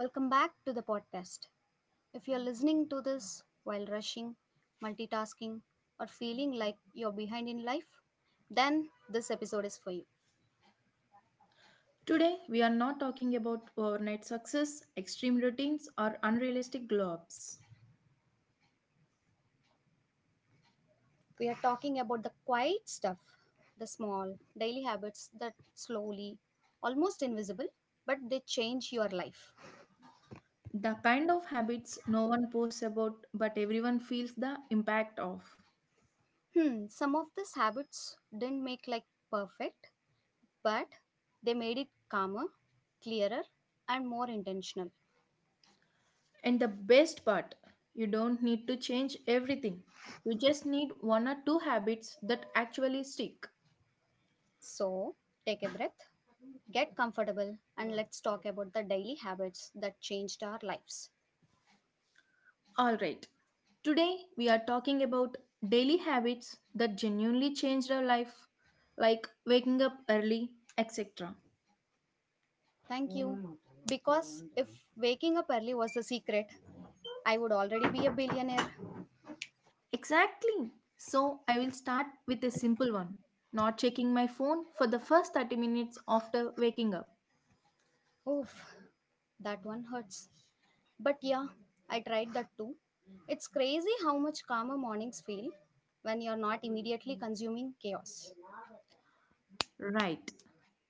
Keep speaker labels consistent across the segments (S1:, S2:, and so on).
S1: Welcome back to the podcast. If you're listening to this while rushing, multitasking, or feeling like you're behind in life, then this episode is for you.
S2: Today, we are not talking about overnight success, extreme routines, or unrealistic glow ups.
S1: We are talking about the quiet stuff, the small, daily habits that slowly, almost invisible, but they change your life.
S2: The kind of habits no one posts about but everyone feels the impact of.
S1: Some of these habits didn't make perfect, but they made it calmer, clearer, and more intentional.
S2: And the best part, you don't need to change everything. You just need one or two habits that actually stick.
S1: So, take a breath. Get comfortable and let's talk about the daily habits that changed our lives.
S2: Alright, today we are talking about daily habits that genuinely changed our life, like waking up early, etc.
S1: Thank you. Because if waking up early was the secret, I would already be a billionaire.
S2: Exactly. So I will start with a simple one. Not checking my phone for the first 30 minutes after waking up.
S1: Oof, that one hurts. But yeah, I tried that too. It's crazy how much calmer mornings feel when you're not immediately consuming chaos.
S2: Right.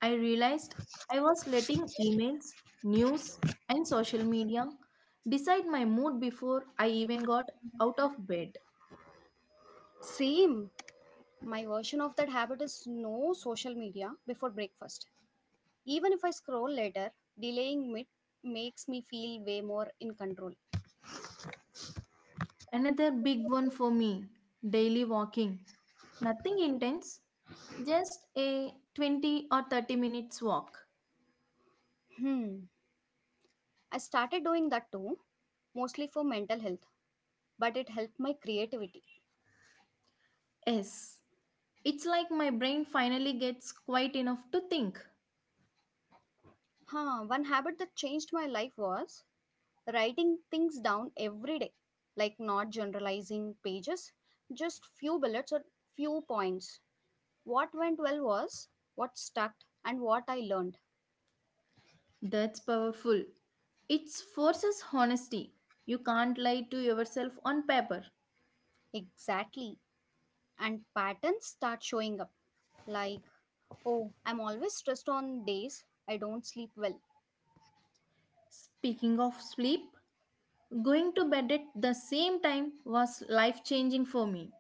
S2: I realized I was letting emails, news, and social media decide my mood before I even got out of bed.
S1: Same. My version of that habit is no social media before breakfast. Even if I scroll later, delaying it makes me feel way more in control.
S2: Another big one for me, daily walking. Nothing intense, just a 20 or 30 minutes walk.
S1: Hmm. I started doing that too, mostly for mental health, but it helped my creativity.
S2: Yes, it's like my brain finally gets quiet enough to think.
S1: One habit that changed my life was writing things down every day, like not generalizing pages, just few bullets or few points. What went well was what stuck and what I learned.
S2: That's powerful. It forces honesty. You can't lie to yourself on paper.
S1: Exactly. And patterns start showing up, like, oh, I'm always stressed on days I don't sleep well.
S2: Speaking of sleep, going to bed at the same time was life changing for me.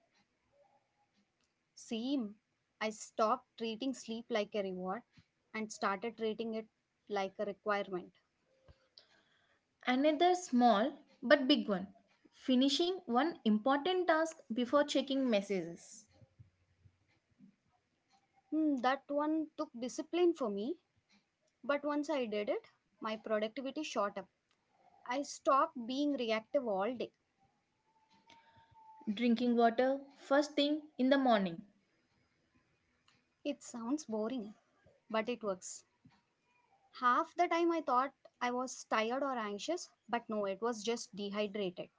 S1: Same. I stopped treating sleep like a reward and started treating it like a requirement.
S2: Another small but big one, finishing one important task before checking messages.
S1: That one took discipline for me, but once I did it, my productivity shot up. I stopped being reactive all day.
S2: Drinking water first thing in the morning.
S1: It sounds boring, but it works. Half the time I thought I was tired or anxious, but no, it was just dehydrated.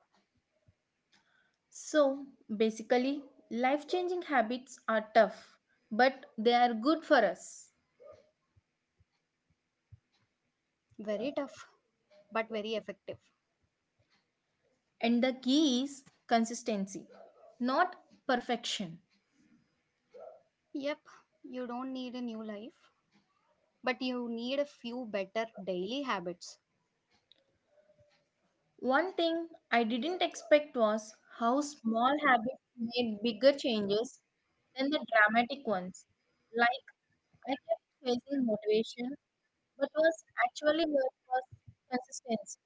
S2: So basically, life changing habits are tough, but they are good for us.
S1: Very tough, but very effective.
S2: And the key is consistency, not perfection.
S1: Yep, you don't need a new life, but you need a few better daily habits.
S2: One thing I didn't expect was how small habits made bigger changes than the dramatic ones. Like, I kept chasing motivation, but was actually what was consistency.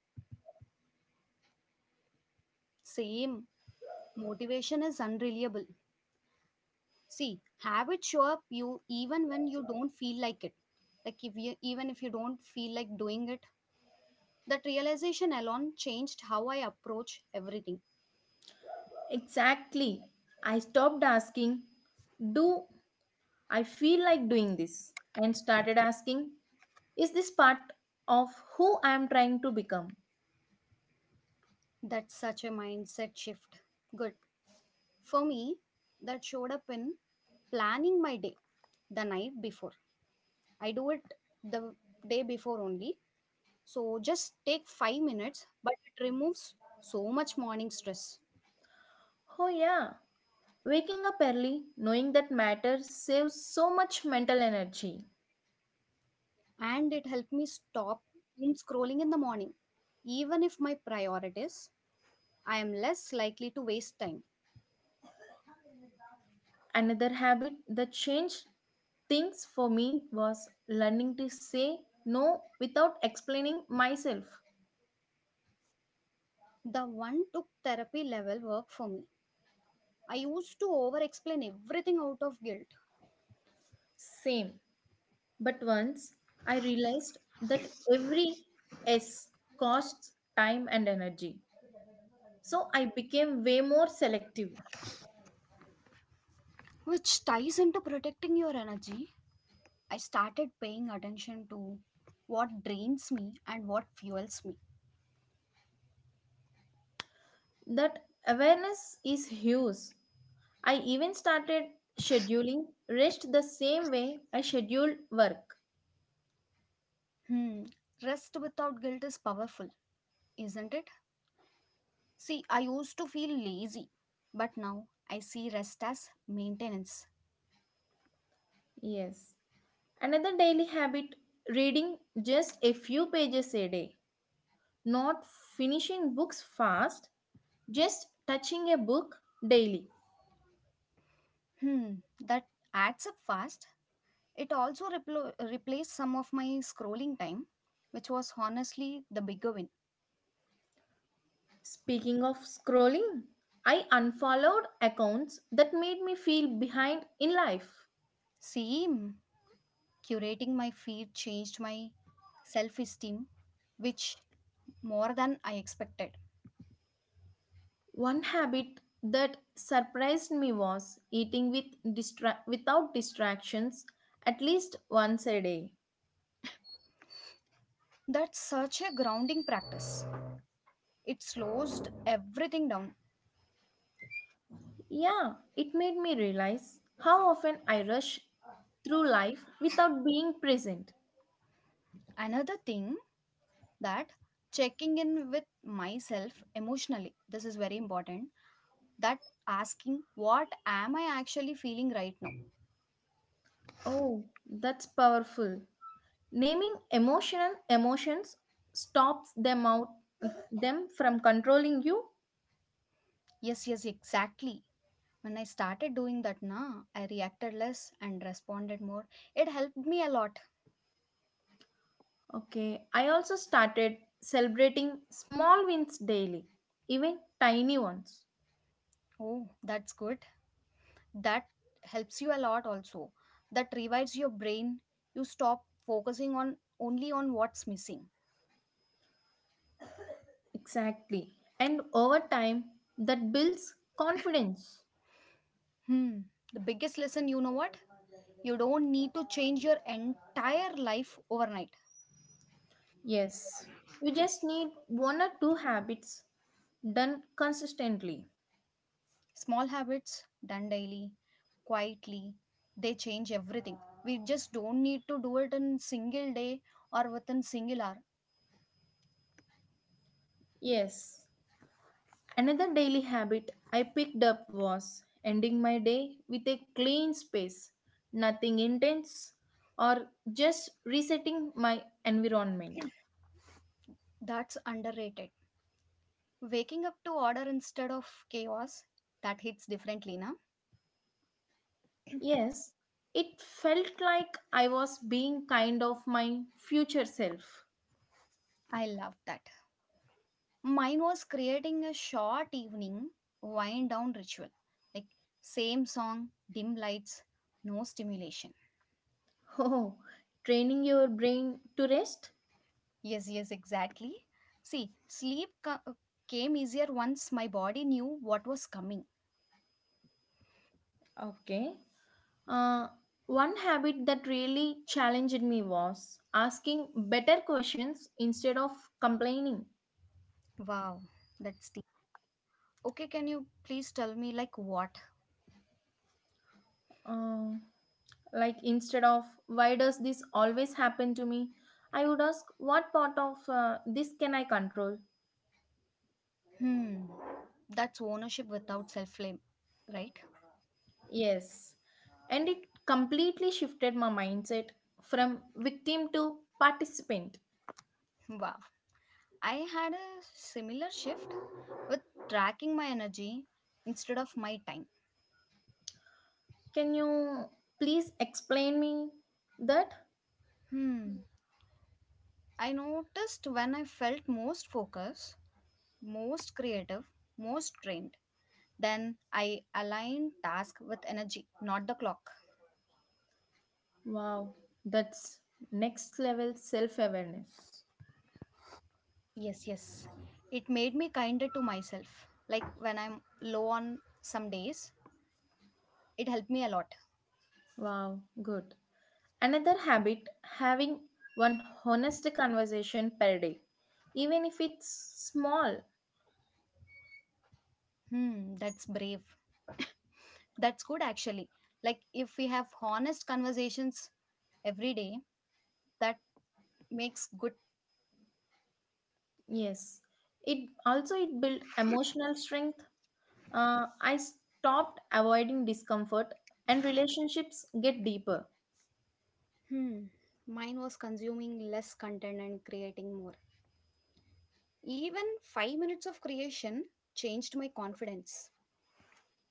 S1: Same, motivation is unreliable. See, habits show up you even when you don't feel like it. Like if you, even if you don't feel like doing it, that realization alone changed how I approach everything.
S2: Exactly. I stopped asking, do I feel like doing this, and started asking, is this part of who I am trying to become?
S1: That's such a mindset shift. Good. For me, that showed up in planning my day the night before. I do it the day before only. So just take 5 minutes, but it removes so much morning stress.
S2: Oh, yeah. Waking up early, knowing that matters, saves so much mental energy.
S1: And it helped me stop doom scrolling in the morning. Even if my priorities, I am less likely to waste time.
S2: Another habit that changed things for me was learning to say no without explaining myself.
S1: The one took therapy level work for me. I used to over explain everything out of guilt,
S2: Same. But once I realized that every S costs time and energy. So I became way more selective.
S1: which ties into protecting your energy. I started paying attention to what drains me and what fuels me.
S2: That awareness is huge. I even started scheduling rest the same way I scheduled work.
S1: Hmm, rest without guilt is powerful, isn't it? See, I used to feel lazy, but now I see rest as maintenance.
S2: Yes. Another daily habit, reading just a few pages a day. Not finishing books fast, just touching a book daily.
S1: Hmm, that adds up fast. It also replaced some of my scrolling time, which was honestly the bigger win.
S2: Speaking of scrolling, I unfollowed accounts that made me feel behind in life.
S1: See, mm, curating my feed changed my self esteem, which more than I expected.
S2: One habit that surprised me was eating with without distractions at least once a day.
S1: That's such a grounding practice. It slows everything down.
S2: Yeah, it made me realize how often I rush through life without being present.
S1: Another thing that checking in with myself emotionally, this is very important, that asking what am I actually feeling right now?
S2: Oh, that's powerful. Naming emotional emotions stops them out them from controlling you.
S1: Yes, yes, exactly. When I started doing that na, I reacted less and responded more. It helped me a lot.
S2: Okay, I also started celebrating small wins daily, even tiny ones.
S1: Oh, that's good. That helps you a lot also. That revives your brain. You stop focusing on only on what's missing.
S2: Exactly. And over time, that builds confidence.
S1: hmm the biggest lesson, you know what, you don't need to change your entire life overnight.
S2: Yes. You just need one or two habits done consistently.
S1: Small habits done daily, quietly, they change everything. We just don't need to do it in single day or within single hour.
S2: Yes. Another daily habit I picked up was ending my day with a clean space, nothing intense, or just resetting my environment.
S1: That's underrated. Waking up to order instead of chaos, that hits differently, na?
S2: Yes, it felt like I was being kind of my future self.
S1: I love that. Mine was creating a short evening wind down ritual. Like same song, dim lights, no stimulation.
S2: Oh, training your brain to rest?
S1: Yes, yes, exactly. See, came easier once my body knew what was coming.
S2: Okay. Uh, one habit that really challenged me was asking better questions instead of complaining.
S1: Wow, that's deep. Okay, can you please tell me, like, what?
S2: Uh, like, instead of why does this always happen to me, I would ask what part of this can I control?
S1: Hmm, that's ownership without self blame, right?
S2: Yes. And it completely shifted my mindset from victim to participant.
S1: Wow, I had a similar shift with tracking my energy instead of my time.
S2: Can you please explain me that?
S1: Hmm, I noticed when I felt most focused, most creative, most trained, then I aligned task with energy, not the clock.
S2: Wow, that's next level self awareness.
S1: Yes, yes. It made me kinder to myself. Like when I'm low on some days, it helped me a lot.
S2: Wow, good. Another habit, having one honest conversation per day, even if it's small.
S1: That's brave. That's good actually. Like if we have honest conversations every day, that makes good.
S2: Yes, it also it built emotional strength. I stopped avoiding discomfort, and relationships get deeper.
S1: Hmm. Mine was consuming less content and creating more. Even 5 minutes of creation changed my confidence.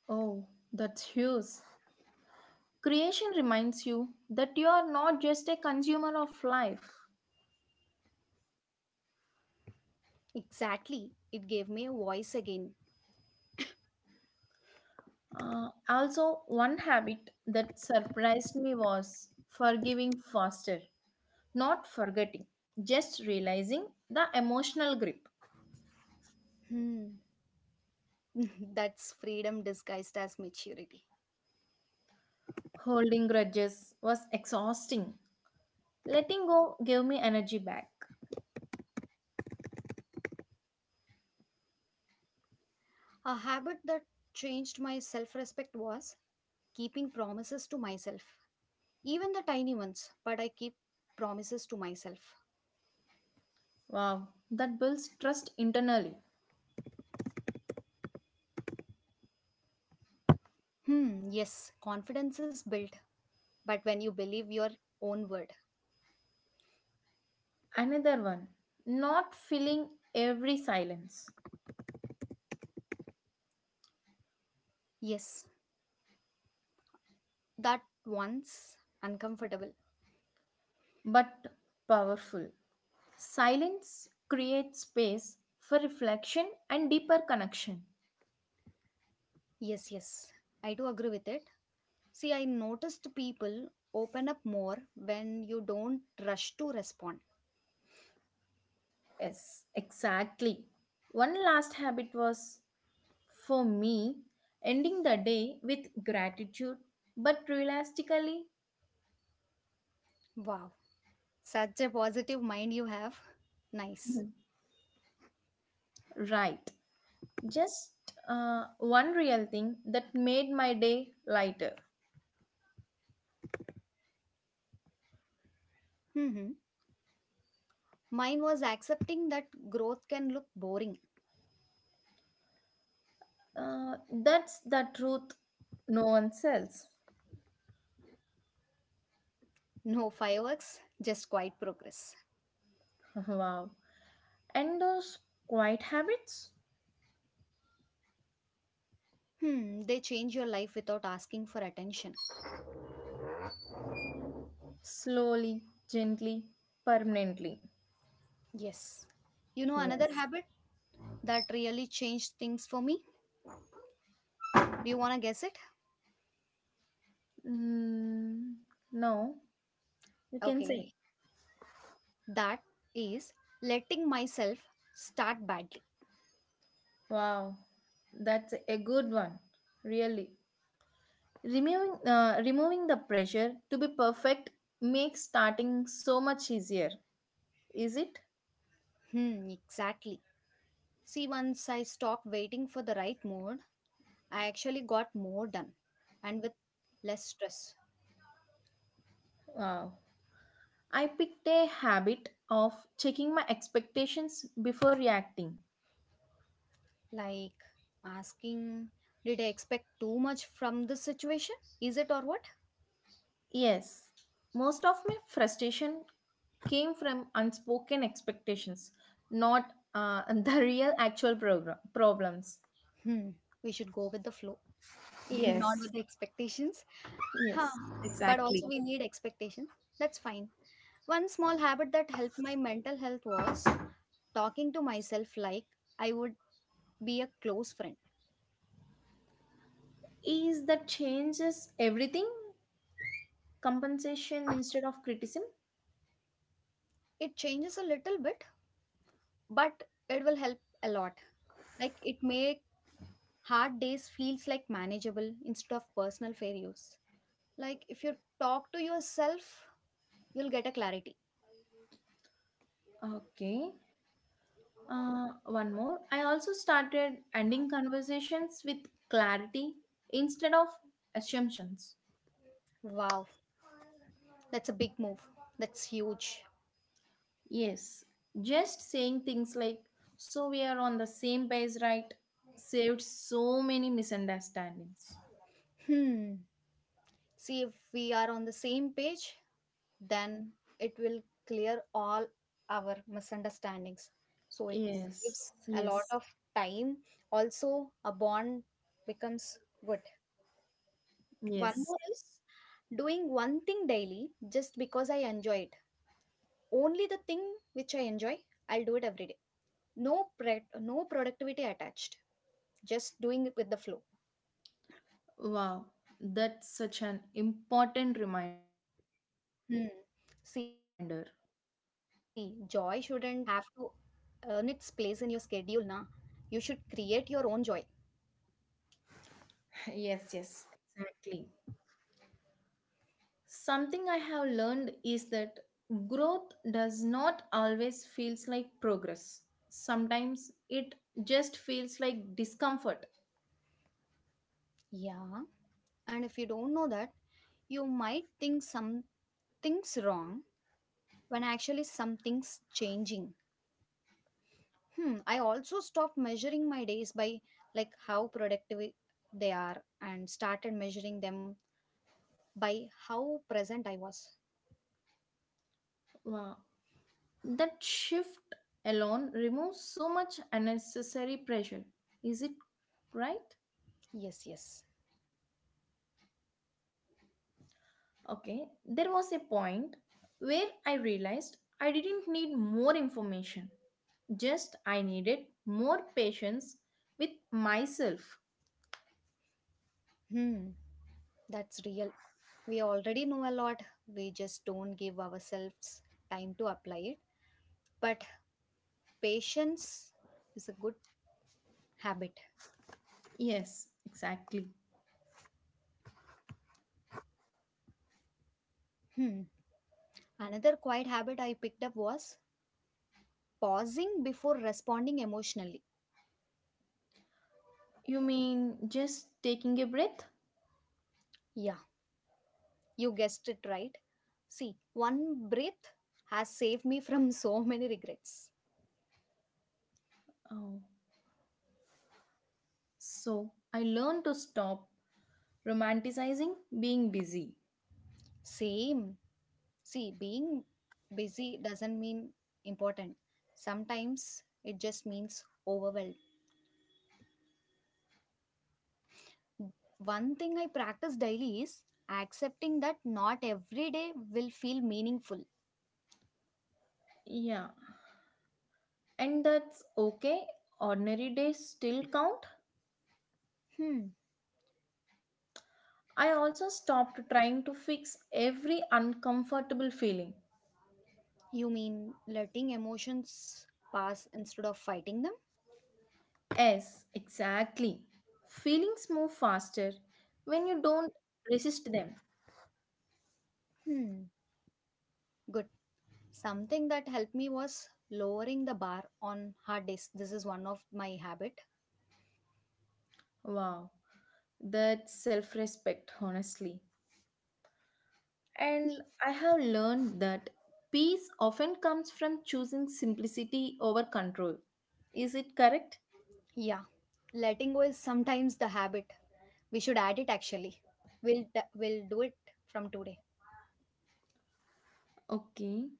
S2: Oh, that's huge. Creation reminds you that you are not just a consumer of life.
S1: Exactly. It gave me a voice again.
S2: Also, one habit that surprised me was forgiving faster, not forgetting, just realizing the emotional grip.
S1: Hmm. That's freedom disguised as maturity.
S2: Holding grudges was exhausting. Letting go gave me energy back.
S1: A habit that changed my self respect was keeping promises to myself. Even the tiny ones, but I keep promises to myself.
S2: Wow, that builds trust internally.
S1: Hmm, yes, confidence is built, but when you believe your own word.
S2: Another one, not filling every silence,
S1: Yes, that once uncomfortable.
S2: but powerful. Silence creates space for reflection and deeper connection.
S1: Yes, yes, I do agree with it. See, I noticed people open up more when you don't rush to respond.
S2: Yes, exactly. One last habit was for me ending the day with gratitude, but realistically,
S1: Wow, such a positive mind you have. Nice.
S2: mhm, right. Just uh, one real thing that made my day lighter.
S1: Mm-hmm. Mine was accepting that growth can look boring.
S2: Uh, that's the truth no one sells.
S1: No fireworks, just quiet progress.
S2: Wow. And those quiet habits?
S1: They change your life without asking for attention.
S2: Slowly, gently, permanently.
S1: Yes. You know another
S2: Yes.
S1: habit that really changed things for me? Do you want to guess it?
S2: Mm, no, you can
S1: Okay.
S2: say.
S1: That is letting myself start badly.
S2: Wow, that's a good one, really. Removing the pressure to be perfect makes starting so much easier, is it?
S1: Exactly. See, once I stopped waiting for the right mood, I actually got more done and with less stress.
S2: Wow. I picked a habit of checking my expectations before reacting.
S1: Like asking, did I expect too much from this situation? Is it or what?
S2: Yes, most of my frustration came from unspoken expectations, not the real actual program problems.
S1: Hmm, we should go with the flow, not
S2: Yes,
S1: with the expectations. Huh,
S2: yes,
S1: but
S2: exactly.
S1: also we need expectation. That's fine. One small habit that helped my mental health was talking to myself like I would be a close friend.
S2: Is that changes everything, compensation instead of criticism?
S1: It changes a little bit, but it will help a lot. Like it make hard days feels like manageable instead of personal failures. Like if you talk to yourself, you'll get a clarity.
S2: Okay, one more, I also started ending conversations with clarity instead of assumptions.
S1: Wow, that's a big move. That's huge.
S2: Yes, just saying things like, so we are on the same page, right, saved so many misunderstandings.
S1: Hmm. See if we are on the same page, then it will clear all our misunderstandings, so it
S2: Yes,
S1: saves a lot
S2: yes,
S1: of time. Also a bond becomes good. One
S2: yes.
S1: more is doing one thing daily just because I enjoy it. Only the thing which I enjoy, I'll do it every day. No productivity attached, just doing it with the flow.
S2: Wow, that's such an important reminder.
S1: Hmm. See, joy shouldn't have to earn its place in your schedule, na? You should create your own joy.
S2: Yes, yes, exactly. Something I have learned is that growth does not always feels like progress. Sometimes it just feels like discomfort.
S1: Yeah. And if you don't know that, you might think something's wrong when actually something's changing. Hmm, I also stopped measuring my days by like how productive they are and started measuring them by how present I was.
S2: Wow. That shift alone removes so much unnecessary pressure. Is it right?
S1: Yes, yes.
S2: Okay. There was a point where I realized I didn't need more information. Just I needed more patience with myself.
S1: Hmm, that's real. We already know a lot. We just don't give ourselves time to apply it. But patience is a good habit.
S2: Yes, exactly.
S1: Hmm. Another quiet habit I picked up was pausing before responding emotionally.
S2: You mean just taking a breath?
S1: Yeah, you guessed it right. See, one breath has saved me from so many regrets.
S2: Oh, so I learned to stop romanticizing being busy.
S1: Same. See, being busy doesn't mean important. Sometimes it just means overwhelmed. One thing I practice daily is accepting that not every day will feel meaningful.
S2: Yeah, and that's okay. Ordinary days still count.
S1: Hmm.
S2: I also stopped trying to fix every uncomfortable feeling.
S1: You mean letting emotions pass instead of fighting them?
S2: Yes, exactly. Feelings move faster when you don't resist them.
S1: Hmm. Good. Something that helped me was lowering the bar on hard days, this is one of my habit.
S2: Wow, that's self respect, honestly. And I have learned that peace often comes from choosing simplicity over control. Is it correct?
S1: Yeah, letting go is sometimes the habit we should add it actually. We'll we'll do it from today.
S2: Okay.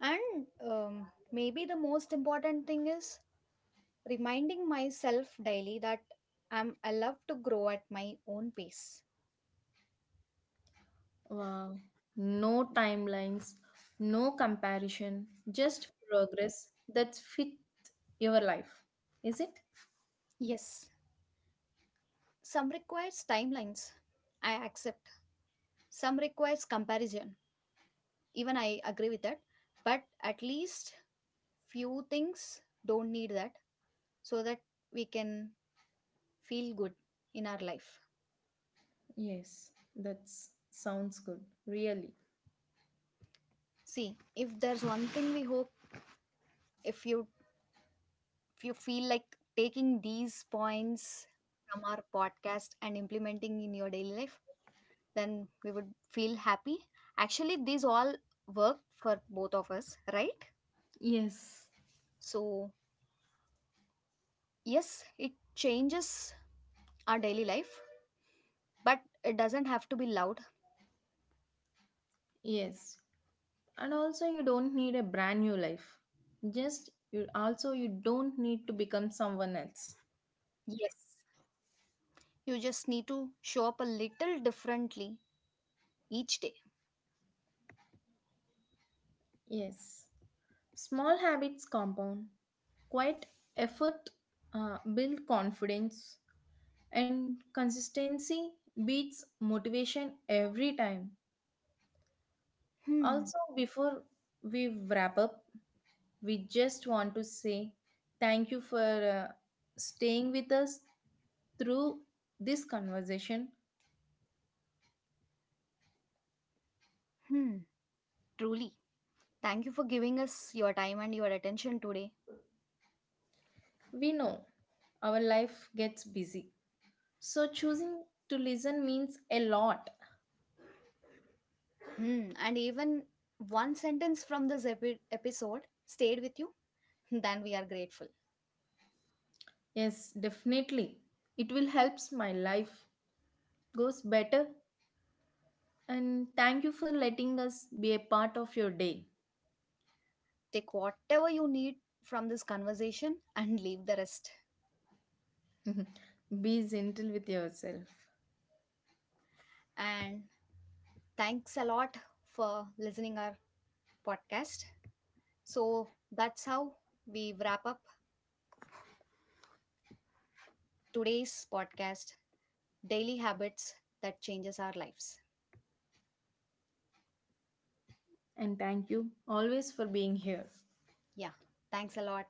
S1: And maybe the most important thing is reminding myself daily that I'm allowed to grow at my own pace.
S2: Wow. No timelines, no comparison, just progress that fits your life. Is it?
S1: Yes, some requires timelines, I accept. Some requires comparison, even I agree with that. But at least few things don't need that, so that we can feel good in our life.
S2: Yes, that sounds good. Really.
S1: See, if there's one thing we hope, if you, if you feel like taking these points from our podcast and implementing in your daily life, then we would feel happy. Actually these all work for both of us, right?
S2: Yes.
S1: So yes, it changes our daily life, but it doesn't have to be loud.
S2: Yes. And also you don't need a brand new life. Just you also you don't need to become someone else.
S1: Yes, you just need to show up a little differently each day.
S2: Yes. Small habits compound. Quiet effort build confidence, and consistency beats motivation every time.
S1: Hmm,
S2: Also, before we wrap up, we just want to say thank you for staying with us through this conversation.
S1: hmm, truly. Thank you for giving us your time and your attention today.
S2: We know our life gets busy, so choosing to listen means a lot.
S1: Hmm, and even one sentence from this episode stayed with you, then we are grateful.
S2: Yes, definitely. It will helps my life goes better. And thank you for letting us be a part of your day.
S1: Take whatever you need from this conversation and leave the rest.
S2: Be gentle with yourself.
S1: And thanks a lot for listening our podcast. So that's how we wrap up today's podcast, Daily Habits that Changes Our Lives.
S2: And thank you always for being here.
S1: Yeah, thanks a lot.